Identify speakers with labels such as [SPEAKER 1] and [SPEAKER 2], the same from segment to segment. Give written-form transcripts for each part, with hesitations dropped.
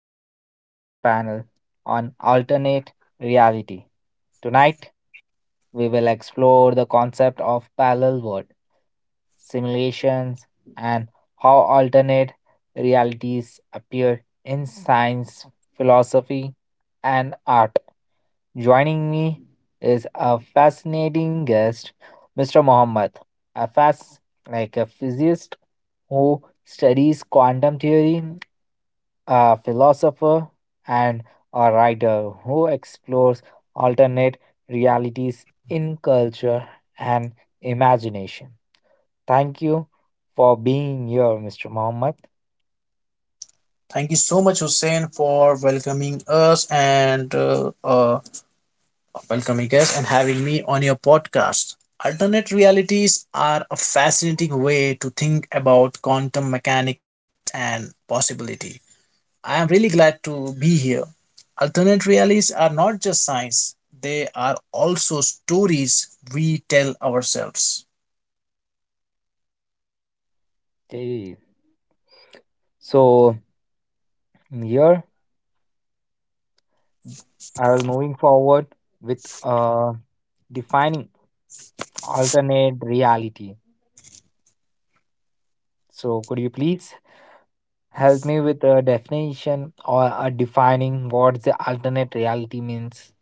[SPEAKER 1] and welcome to our panel on alternate reality. Tonight, we will explore the concept of parallel world simulations and how alternate realities appear in science, philosophy, and art. Joining me is a fascinating guest, Mr. Mohammed, a fast like a physicist who studies quantum theory, a philosopher, and a writer who explores alternate realities in culture and imagination. Thank you for being here, Mr. Muhammad.
[SPEAKER 2] Thank you so much, Hussein, for welcoming us and having me on your podcast. Alternate realities are a fascinating way to think about quantum mechanics and possibility. I am really glad to be here. Alternate realities are not just science, they are also stories we tell ourselves.
[SPEAKER 1] Okay. So here I will moving forward with defining alternate reality. So could you please help me with a definition or a defining what the alternate reality means?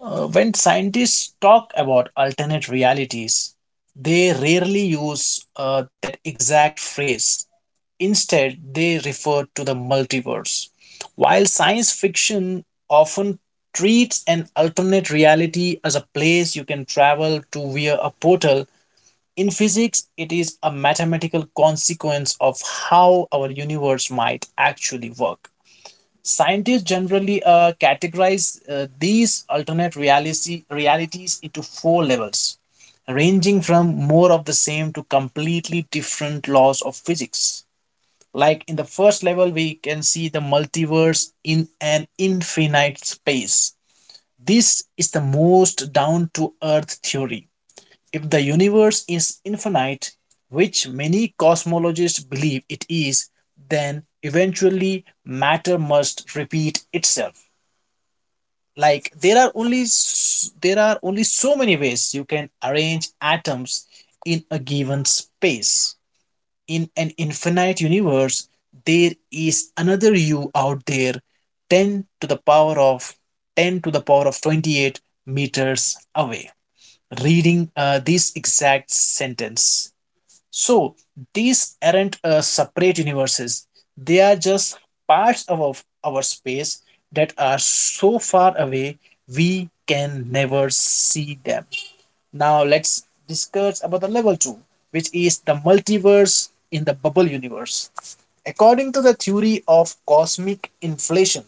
[SPEAKER 2] When scientists talk about alternate realities, they rarely use that exact phrase. Instead, they refer to the multiverse. While science fiction often treats an alternate reality as a place you can travel to via a portal, in physics, it is a mathematical consequence of how our universe might actually work. Scientists generally categorize these realities into 4 levels, ranging from more of the same to completely different laws of physics. Like in the first level, we can see the multiverse in an infinite space. This is the most down to earth theory if the universe is infinite, which many cosmologists believe it is, then eventually matter must repeat itself. Like there are only so many ways you can arrange atoms in a given space. In an infinite universe, there is another you out there 10 to the power of 10 to the power of 28 meters away reading this exact sentence. So these aren't separate universes, they are just parts of our space that are so far away we can never see them. Now let's discuss about the level 2, which is the multiverse in the bubble universe. According to the theory of cosmic inflation,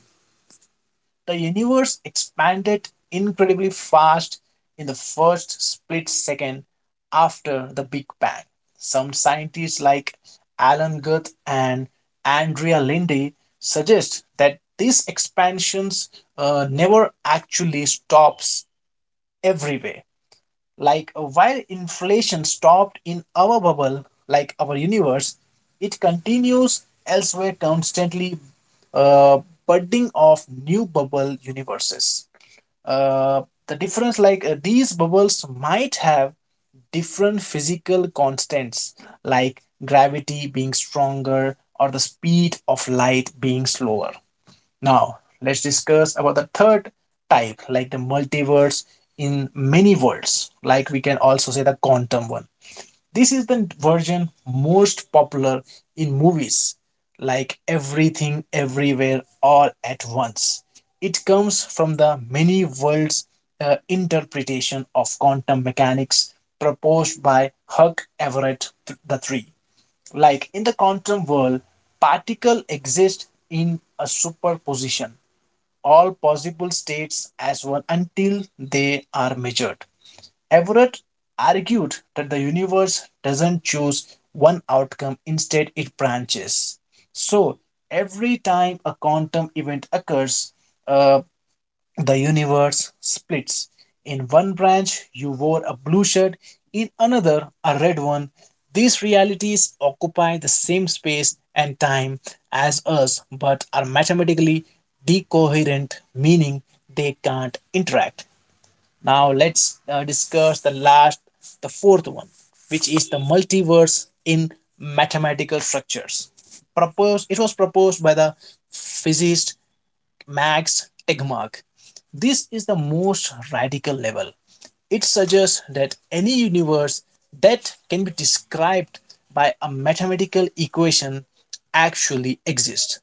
[SPEAKER 2] the universe expanded incredibly fast in the first split second after the Big Bang. Some scientists like Alan Guth and Andrea Lindy suggest that these expansions never actually stops everywhere like while inflation stopped in our bubble like our universe, it continues elsewhere constantly, uh, budding of new bubble universes. Uh, the difference, like these bubbles might have different physical constants like gravity being stronger or the speed of light being slower. Now, let's discuss about the third type, like the multiverse in many worlds, like we can also say the quantum one. This is the version most popular in movies, like everything, everywhere, all at once. It comes from the many worlds interpretation of quantum mechanics proposed by Hugh Everett the Three. Like in the quantum world, particle exist in a superposition, all possible states as one until they are measured. Everett argued that the universe doesn't choose one outcome, instead, it branches. So, every time a quantum event occurs, uh, the universe splits. In one branch, you wore a blue shirt, in another, a red one. These realities occupy the same space and time as us but are mathematically decoherent, meaning they can't interact. Now, let's discuss the last, the fourth one, which is the multiverse in mathematical structures proposed it was proposed by the physicist Max Tegmark. This is the most radical level. It suggests that any universe that can be described by a mathematical equation actually exists.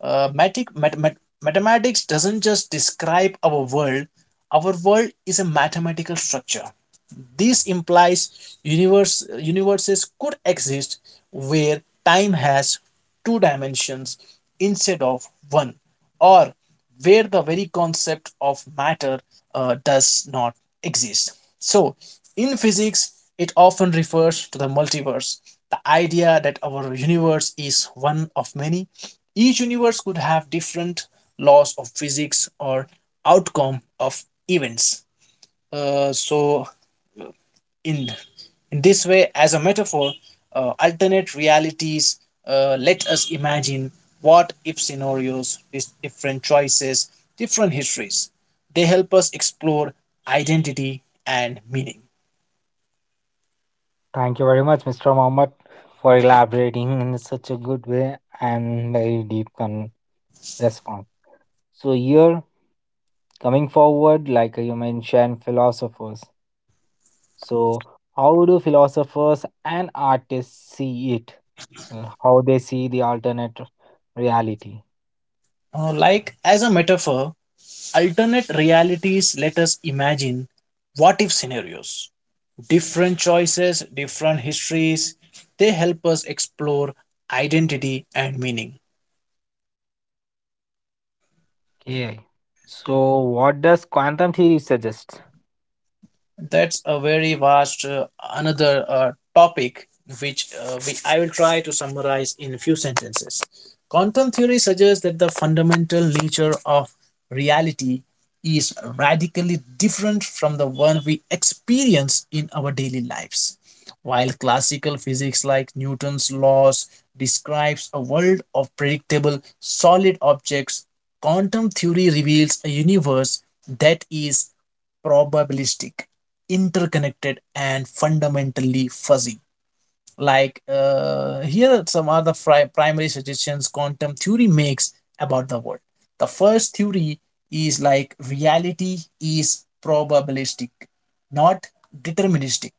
[SPEAKER 2] Matic- mat- mat- mathematics doesn't just describe our world is a mathematical structure. This implies universes could exist where time has 2 dimensions instead of one, or where the very concept of matter does not exist. So, in physics, it often refers to the multiverse, the idea that our universe is one of many. Each universe could have different laws of physics or outcome of events. Uh, so, in, in this way, as a metaphor, alternate realities let us imagine what if scenarios, different choices, different histories. They help us explore identity and meaning.
[SPEAKER 1] Thank you very much, Mr. Mohammed, for elaborating in such a good way and very deep response. So here, coming forward, like you mentioned, philosophers. So how do philosophers and artists see it? How they see the alternate reality?
[SPEAKER 2] Uh, like as a metaphor, alternate realities let us imagine what if scenarios, different choices, different histories. They help us explore identity and meaning.
[SPEAKER 1] Okay. So what does quantum theory suggest?
[SPEAKER 2] That's a very vast another topic which I will try to summarize in a few sentences. Quantum theory suggests that the fundamental nature of reality is radically different from the one we experience in our daily lives. While classical physics like Newton's laws describes a world of predictable solid objects, quantum theory reveals a universe that is probabilistic, interconnected, and fundamentally fuzzy. Like here are some other primary suggestions quantum theory makes about the world. The first theory is like reality is probabilistic, not deterministic.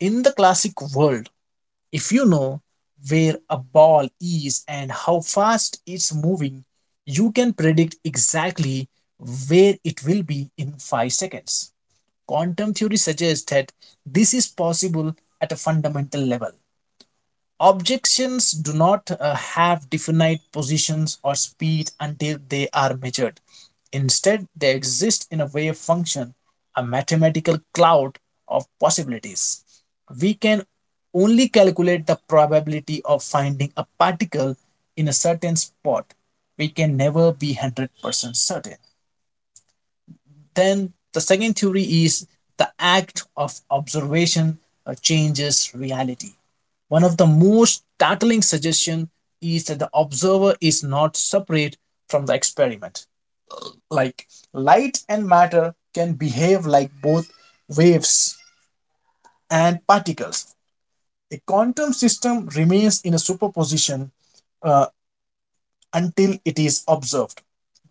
[SPEAKER 2] In the classic world, if you know where a ball is and how fast it's moving, you can predict exactly where it will be in 5 seconds. Quantum theory suggests that this is possible at a fundamental level. Objections do not have definite positions or speed until they are measured. Instead, they exist in a wave function, a mathematical cloud of possibilities. We can only calculate the probability of finding a particle in a certain spot. We can never be 100% certain. Then the second theory is the act of observation changes reality. One of the most startling suggestions is that the observer is not separate from the experiment. Like light and matter can behave like both waves and particles. A quantum system remains in a superposition uh, until it is observed.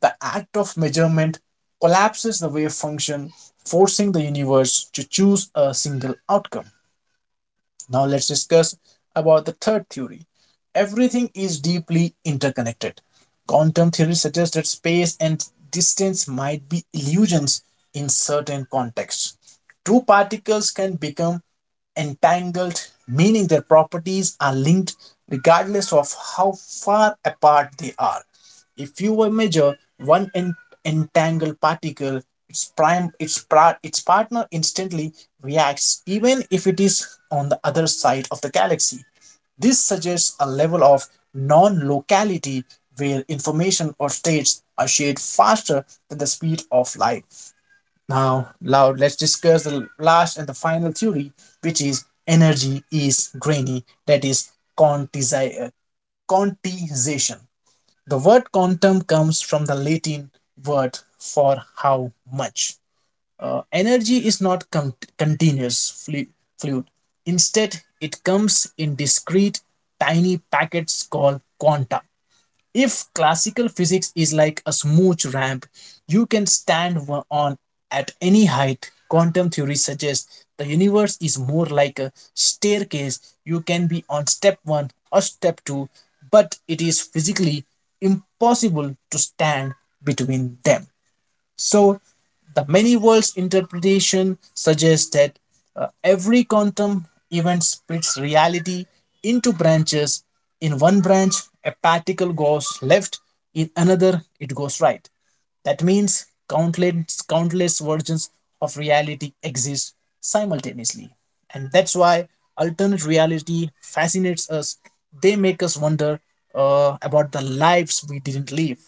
[SPEAKER 2] The act of measurement collapses the wave function, forcing the universe to choose a single outcome. Now let's discuss about the third theory. Everything is deeply interconnected. Quantum theory suggests that space and distance might be illusions in certain contexts. Two particles can become entangled, meaning their properties are linked regardless of how far apart they are. If you will measure one entangled particle, its prime its pra- its partner instantly reacts even if it is on the other side of the galaxy. This suggests a level of non locality where information or states are shared faster than the speed of light. Now let's discuss the last and the final theory, which is energy is grainy, that is quantizi- uh, quantization. The word quantum comes from the Latin word for how much. Energy is not continuous fluid. Instead, it comes in discrete, tiny packets called quanta. If classical physics is like a smooth ramp you can stand on at any height, quantum theory suggests the universe is more like a staircase. You can be on step one or step two, but it is physically impossible to stand between them. So, the many worlds interpretation suggests that every quantum event splits reality into branches. In one branch, a particle goes left, in another, it goes right. That means countless versions of reality exist simultaneously. And that's why alternate reality fascinates us. They make us wonder about the lives we didn't live.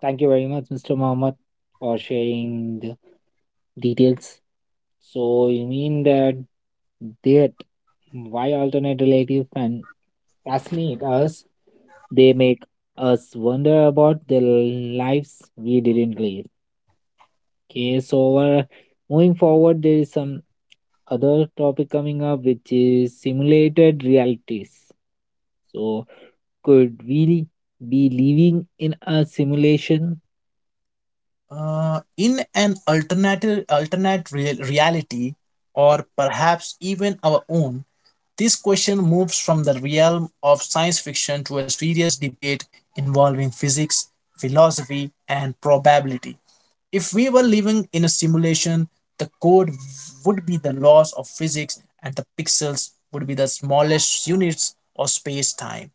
[SPEAKER 1] Thank you very much, Mr. Mohammed, for sharing the details. So you mean that that why alternate relative fan fascinate us? They make us wonder about the lives we didn't live. Okay, so moving forward, there is some other topic coming up, which is simulated realities. So, could we be living in a simulation?
[SPEAKER 2] In an alternative alternate reality, or perhaps even our own, this question moves from the realm of science fiction to a serious debate involving physics, philosophy, and probability. If we were living in a simulation, the code would be the laws of physics and the pixels would be the smallest units of space time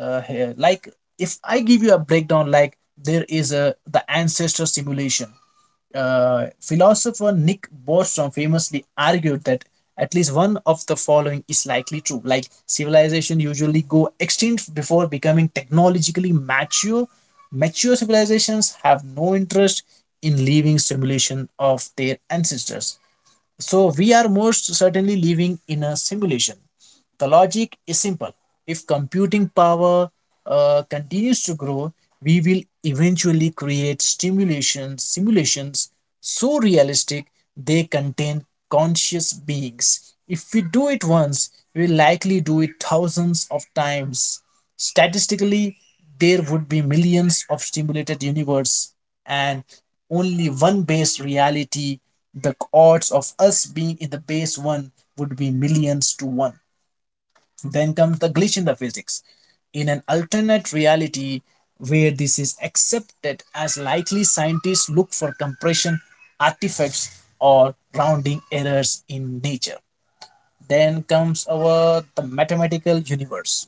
[SPEAKER 2] here. Like if I give you a breakdown, like there is a the ancestor simulation. Philosopher Nick Bostrom famously argued that at least one of the following is likely true: like civilization usually go extinct before becoming technologically mature, mature civilizations have no interest in living simulation of their ancestors, so we are most certainly living in a simulation. The logic is simple. If computing power continues to grow, we will eventually create simulations so realistic they contain conscious beings. If we do it once, we will likely do it thousands of times. Statistically, there would be millions of stimulated universe and only one base reality. The odds of us being in the base one would be millions to 1. Then comes the glitch in the physics. In an alternate reality where this is accepted as likely, scientists look for compression artifacts or rounding errors in nature. Then comes our the mathematical universe.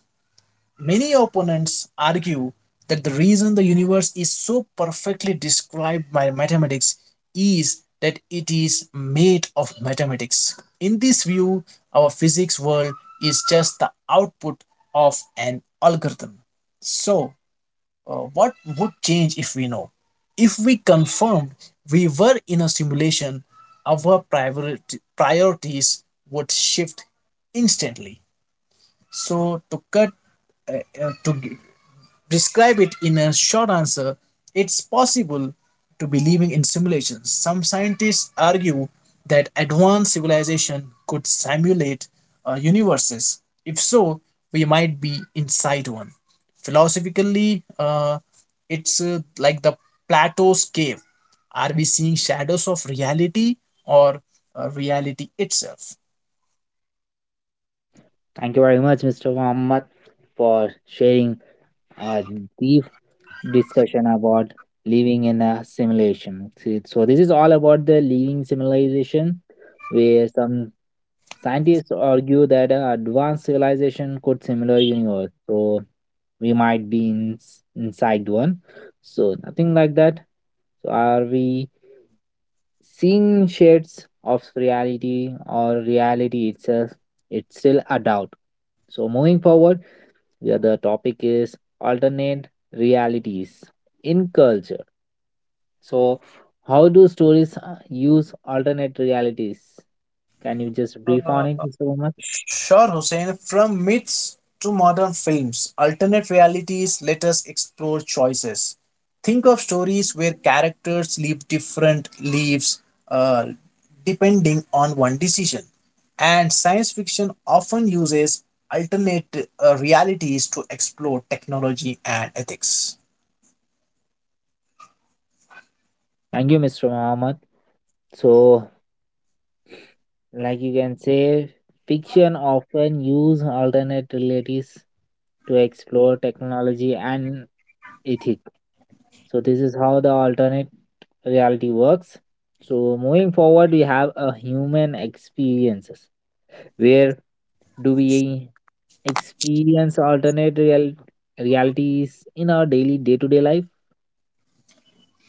[SPEAKER 2] Many opponents argue that the reason the universe is so perfectly described by mathematics is that it is made of mathematics. In this view, our physics world is just the output of an algorithm. So, what would change if we know? If we confirmed we were in a simulation, priorities would shift instantly. So, uh, to describe it in a short answer, it's possible to believing in simulations. Some scientists argue that advanced civilization could simulate universes. If so, we might be inside one. Philosophically, it's like the Plato's cave. Are we seeing shadows of reality or reality itself?
[SPEAKER 1] Thank you very much, Mr. Muhammad, for sharing a deep discussion about living in a simulation. See. So this is all about the living simulation, where some scientists argue that a advanced civilization could similar universe. So we might be inside one. So nothing like that. So are we seeing shades of reality or reality itself? It's still a doubt. So moving forward where the topic is alternate realities in culture. So, how do stories use alternate realities? Can you just brief on it, Mr. Muhammad?
[SPEAKER 2] Sure, Hussein. From myths to modern films, alternate realities let us explore choices. Think of stories where characters live different lives uh, depending on one decision. And science fiction often uses alternate realities to explore technology and ethics.
[SPEAKER 1] Thank you, Mr. Muhammad. So, like you can say, fiction often use alternate realities to explore technology and ethic. So, this is how the alternate reality works. So, moving forward, we have a human experiences where do we experience realities in our daily day to day life?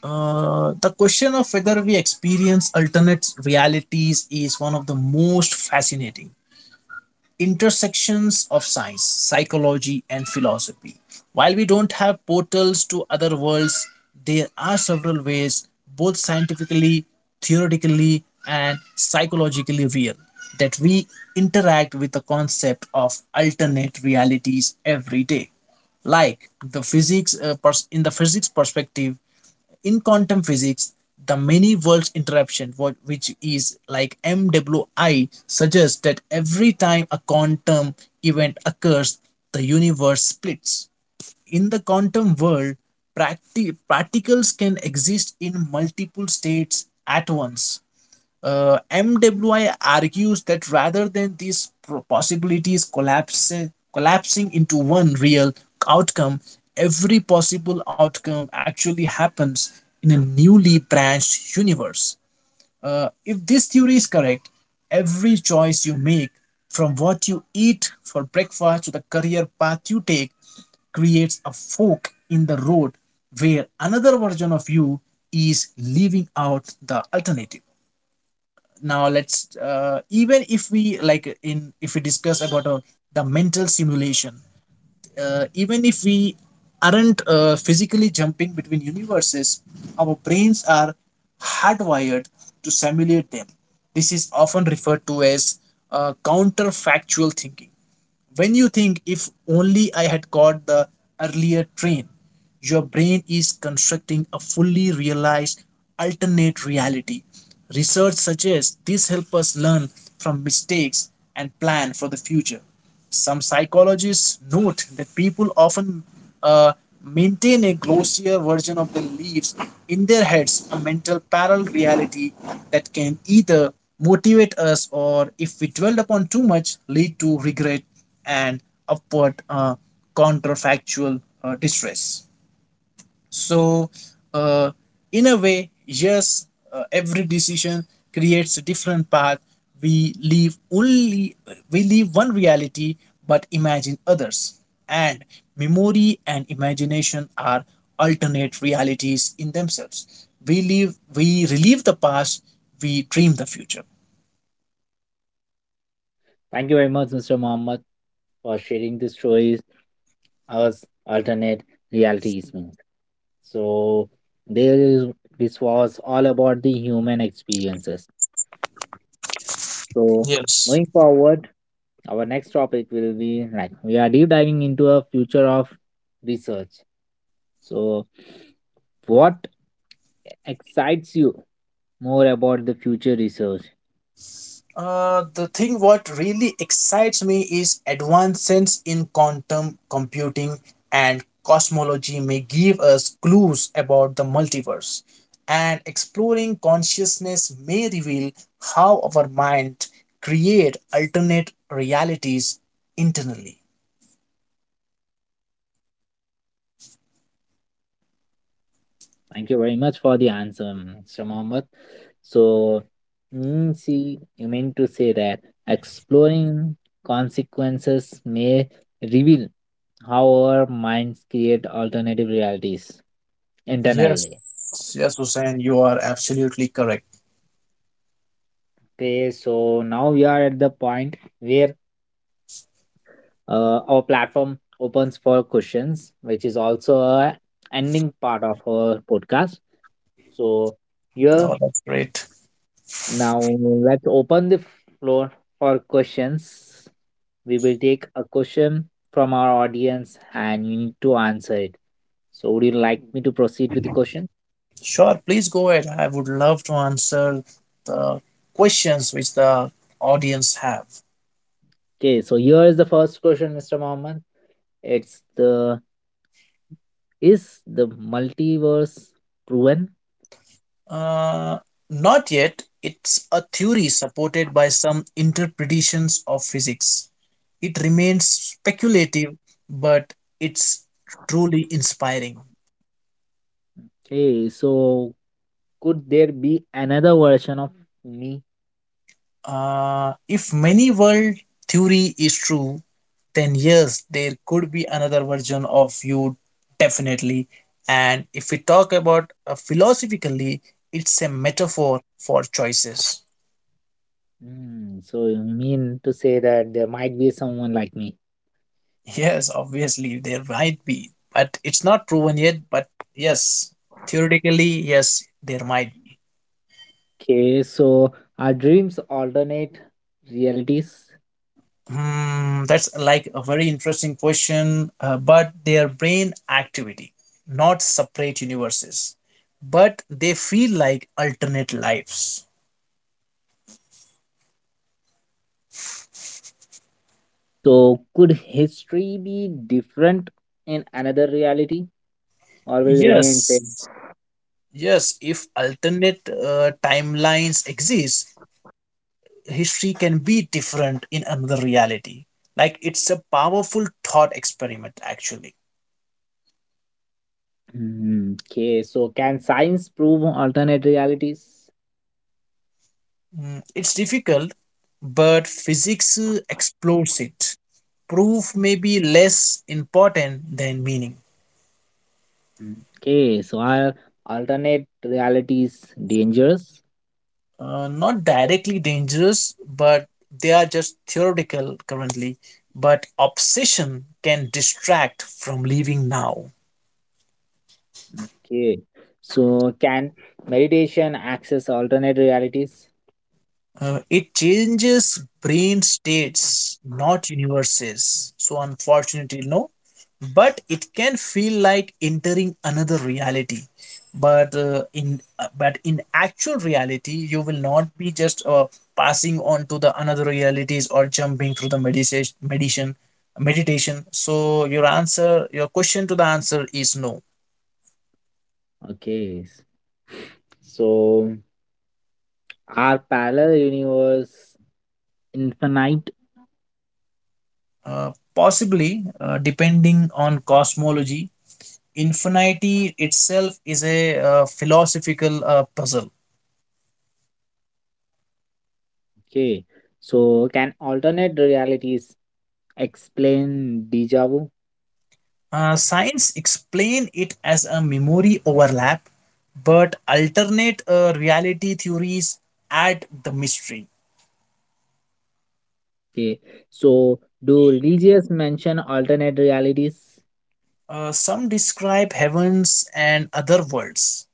[SPEAKER 2] The question of whether we experience alternate realities is one of the most fascinating intersections of science, psychology, and philosophy. While we don't have portals to other worlds, there are several ways, both scientifically, theoretically, and psychologically real, that we interact with the concept of alternate realities every day, like the physics in the physics perspective. In quantum physics, the many worlds interruption, which is like MWI, suggests that every time a quantum event occurs, the universe splits. In the quantum world, particles can exist in multiple states at once. MWI argues that rather than these possibilities collapsing into one real outcome, every possible outcome actually happens in a newly branched universe. If this theory is correct, every choice you make, from what you eat for breakfast to the career path you take, creates a fork in the road where another version of you is leaving out the alternative. Now let's even if we like in if we discuss about the mental simulation, even if we aren't physically jumping between universes, our brains are hardwired to simulate them. This is often referred to as counterfactual thinking. When you think, if only I had caught the earlier train, your brain is constructing a fully realized alternate reality. Research suggests this helps us learn from mistakes and plan for the future. Some psychologists note that people often uh, maintain a glossier version of the leaves in their heads, a mental parallel reality that can either motivate us or, if we dwell upon too much, lead to regret and upward counterfactual distress. So, uh, in a way, yes, every decision creates a different path. We live only we live one reality, but imagine others. And memory and imagination are alternate realities in themselves. We live, we relive the past, we dream the future.
[SPEAKER 1] Thank you very much, Mr. Mohammed, for sharing this choice as alternate realities mean. So there is this was all about the human experiences. So
[SPEAKER 2] Yes.
[SPEAKER 1] moving forward, our next topic will be like we are deep diving into a future of research. So what excites you more about the future research?
[SPEAKER 2] The thing what really excites me is advancements in quantum computing and cosmology may give us clues about the multiverse, and exploring consciousness may reveal how our mind create alternate realities internally.
[SPEAKER 1] Thank you very much for the answer, Mr. Mohammed. So, see, you mean to say that exploring consequences may reveal how our minds create alternative realities
[SPEAKER 2] Yes,
[SPEAKER 1] internally.
[SPEAKER 2] yes, Hussein, you are absolutely correct.
[SPEAKER 1] Okay, so now we are at the point where our platform opens for questions, which is also a ending part of our podcast. So, here
[SPEAKER 2] Oh, that's great.
[SPEAKER 1] now let's open the floor for questions. We will take a question from our audience and you need to answer it. So would you like me to proceed with the question?
[SPEAKER 2] Sure, please go ahead, I would love to answer the questions which the audience have.
[SPEAKER 1] Okay, so here is the first question, Mr. Mohammed. It's the Is the multiverse proven?
[SPEAKER 2] Uh, Not yet. It's a theory supported by some interpretations of physics. It remains speculative, but it's truly inspiring.
[SPEAKER 1] Okay, so could there be another version of me?
[SPEAKER 2] If many world theory is true, then yes, there could be another version of you, definitely. And if we talk about philosophically, it's a metaphor for choices.
[SPEAKER 1] Hmm, so you mean to say that there might be someone like me?
[SPEAKER 2] Yes, obviously there might be, but it's not proven yet. But yes, theoretically, yes, there might be.
[SPEAKER 1] Okay, so our dreams alternate realities.
[SPEAKER 2] Hmm, that's like a very interesting question. But their brain activity, not separate universes, but they feel like alternate lives.
[SPEAKER 1] So could history be different in another reality or will remain same?
[SPEAKER 2] Yes, yes. If alternate timelines exist, history can be different in another reality. Like it's a powerful thought experiment, actually.
[SPEAKER 1] Hmm. Okay, so can science prove alternate realities?
[SPEAKER 2] Mm, it's difficult, but physics explores it. Proof may be less important than meaning.
[SPEAKER 1] Hmm. Okay, so are alternate realities dangerous?
[SPEAKER 2] Not directly dangerous, but they are just theoretical currently. But obsession can distract from living now.
[SPEAKER 1] Okay, so can meditation access alternate realities?
[SPEAKER 2] It changes brain states, not universes. So, unfortunately, no. But it can feel like entering another reality. But in but in actual reality, you will not be just passing on to the another realities or jumping through the meditation. So your answer, your question to the answer is no.
[SPEAKER 1] Okay, so are parallel universe infinite?
[SPEAKER 2] Possibly, depending on cosmology. Infinity itself is a philosophical puzzle.
[SPEAKER 1] Okay, so can alternate realities explain deja vu?
[SPEAKER 2] Science explain it as a memory overlap, but alternate reality theories add the mystery.
[SPEAKER 1] Okay, so do religious mention alternate realities?
[SPEAKER 2] Some describe heavens and other worlds,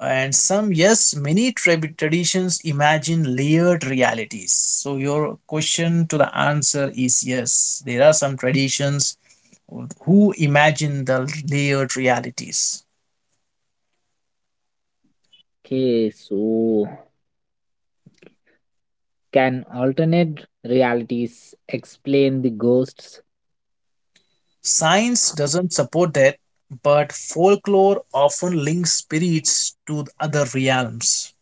[SPEAKER 2] and some, yes, many traditions imagine layered realities. So, your question to the answer is yes, there are some traditions who imagine the layered realities.
[SPEAKER 1] Okay, so can alternate realities explain the ghosts?
[SPEAKER 2] Science doesn't support that, but folklore often links spirits to other realms.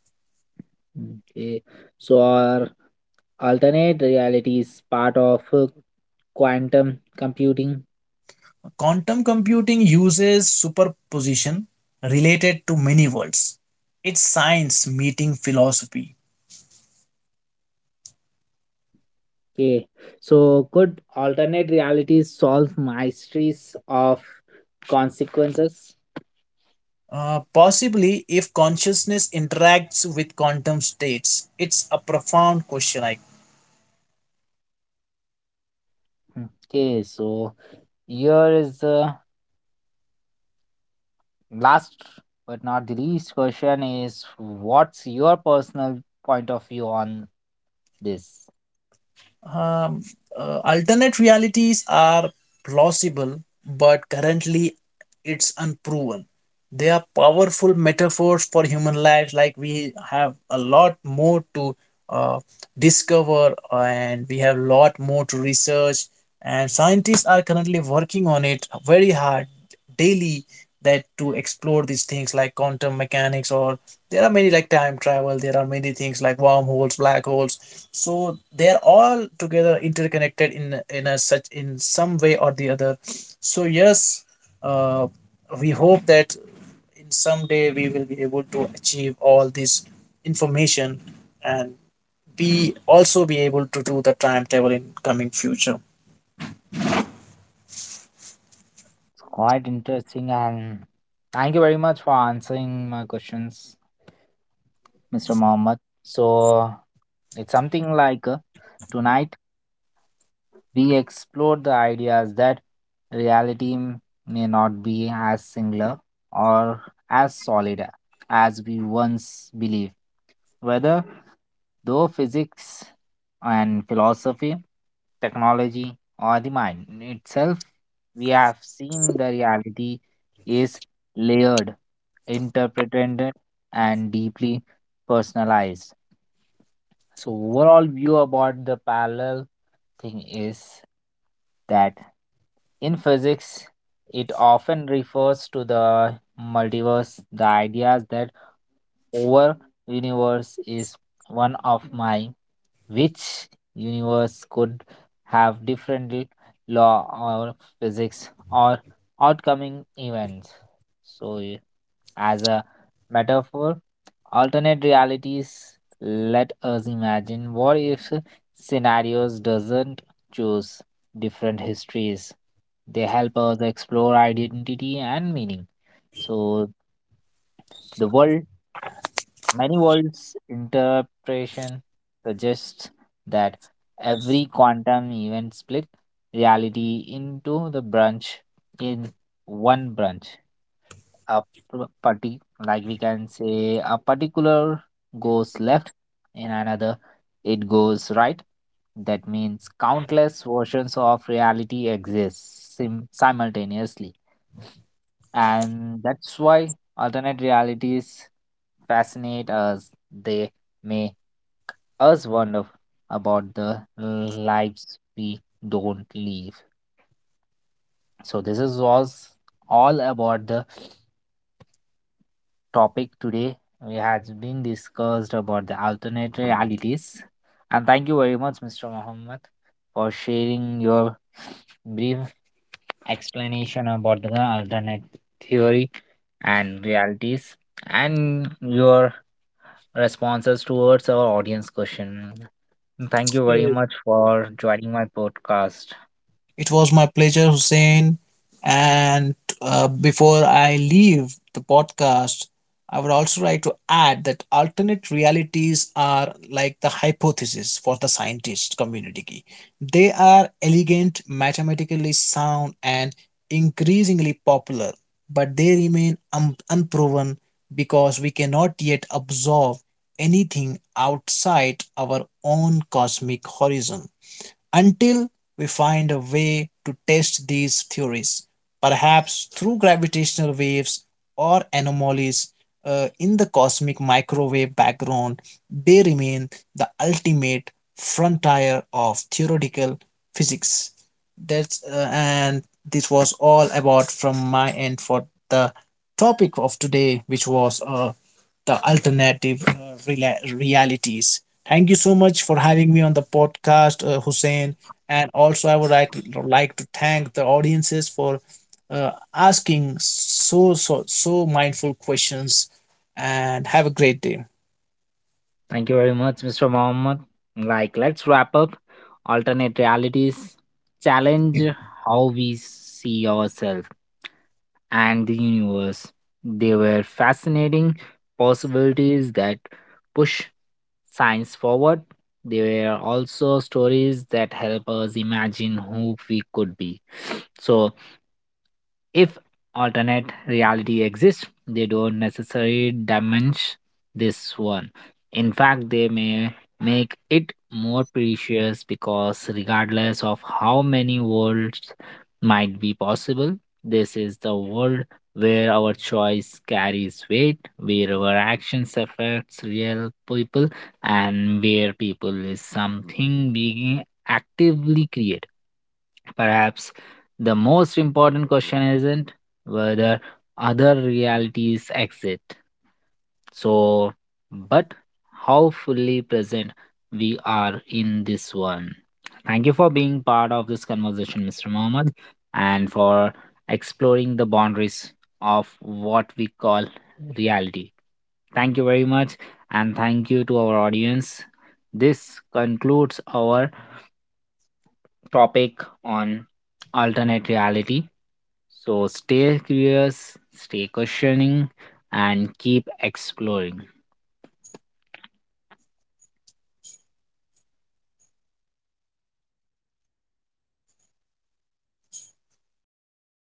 [SPEAKER 1] Okay, so are alternate realities part of quantum computing?
[SPEAKER 2] Quantum computing uses superposition related to many worlds. It's science meeting philosophy.
[SPEAKER 1] Okay, so could alternate realities solve mysteries of consequences?
[SPEAKER 2] Possibly, if consciousness interacts with quantum states, it's a profound question. I
[SPEAKER 1] Hmm. Okay, so here is the last but not the least question: is what's your personal point of view on this?
[SPEAKER 2] um, alternate realities are plausible, but currently it's unproven. They are powerful metaphors for human lives, like we have a lot more to uh, discover and we have a lot more to research. And scientists are currently working on it very hard daily, that to explore these things like quantum mechanics, or there are many like time travel, there are many things like wormholes, black holes, so they're all together interconnected in a such in some way or the other. So yes, uh, we hope that in some day we will be able to achieve all this information, and be also be able to do the time travel in coming future.
[SPEAKER 1] It's quite interesting, and thank you very much for answering my questions, Mr. Mohammed. So it's something like tonight we explored the ideas that reality m- may not be as singular or as solid as we once believed. Whether Though physics and philosophy, technology, or the mind itself, we have seen the reality is layered, interpreted, and deeply personalized. So, overall view about the parallel thing is that in physics, it often refers to the multiverse, the ideas that over universe is one of my which universe could have different law or physics or outcoming events, so y- as a metaphor alternate realities let us imagine what if scenarios doesn't choose different histories, they help us explore identity and meaning. So the world Many worlds interpretation suggests that every quantum event split reality into the branch. In one branch a p- party like we can say a particular goes left, and another it goes right. That means countless versions of reality exist simultaneously, and that's why alternate realities fascinate us. They make us wonder about the lives we don't live. So this is was all about the topic today. We has been discussed about the alternate realities. And thank you very much, Mr. Muhammad, for sharing your brief explanation about the alternate theory and realities and your responses towards our audience question. Thank you very much for joining my podcast.
[SPEAKER 2] It was my pleasure, Hussein. And before I leave the podcast, I would also like to add that alternate realities are like the hypothesis for the scientist community. Ki. They are elegant, mathematically sound, and increasingly popular, but they remain unproven because we cannot yet absorb anything outside our own cosmic horizon. Until we find a way to test these theories, perhaps through gravitational waves or anomalies in the cosmic microwave background, they remain the ultimate frontier of theoretical physics. That's and this was all about from my end for the topic of today, which was the alternative realities. Thank you so much for having me on the podcast, Hussein. And also, I would like like to thank the audiences for asking so mindful questions. And have a great day.
[SPEAKER 1] Thank you very much, Mr. Mohammed. Like, let's wrap up. Alternate realities challenge how we see ourselves and the universe. They were fascinating possibilities that push science forward. They were also stories that help us imagine who we could be. So, if alternate reality exists, they don't necessarily diminish this one. In fact, they may make it more precious because, regardless of how many worlds might be possible, this is the world where our choice carries weight, where our actions affects real people, and where people is something being actively created. Perhaps the most important question isn't whether other realities exist, so but how fully present we are in this one. Thank you for being part of this conversation, Mr. Mohammed, and for exploring the boundaries of what we call reality. Thank you very much, and thank you to our audience. This concludes our topic on alternate reality. So stay curious, stay questioning, and keep exploring.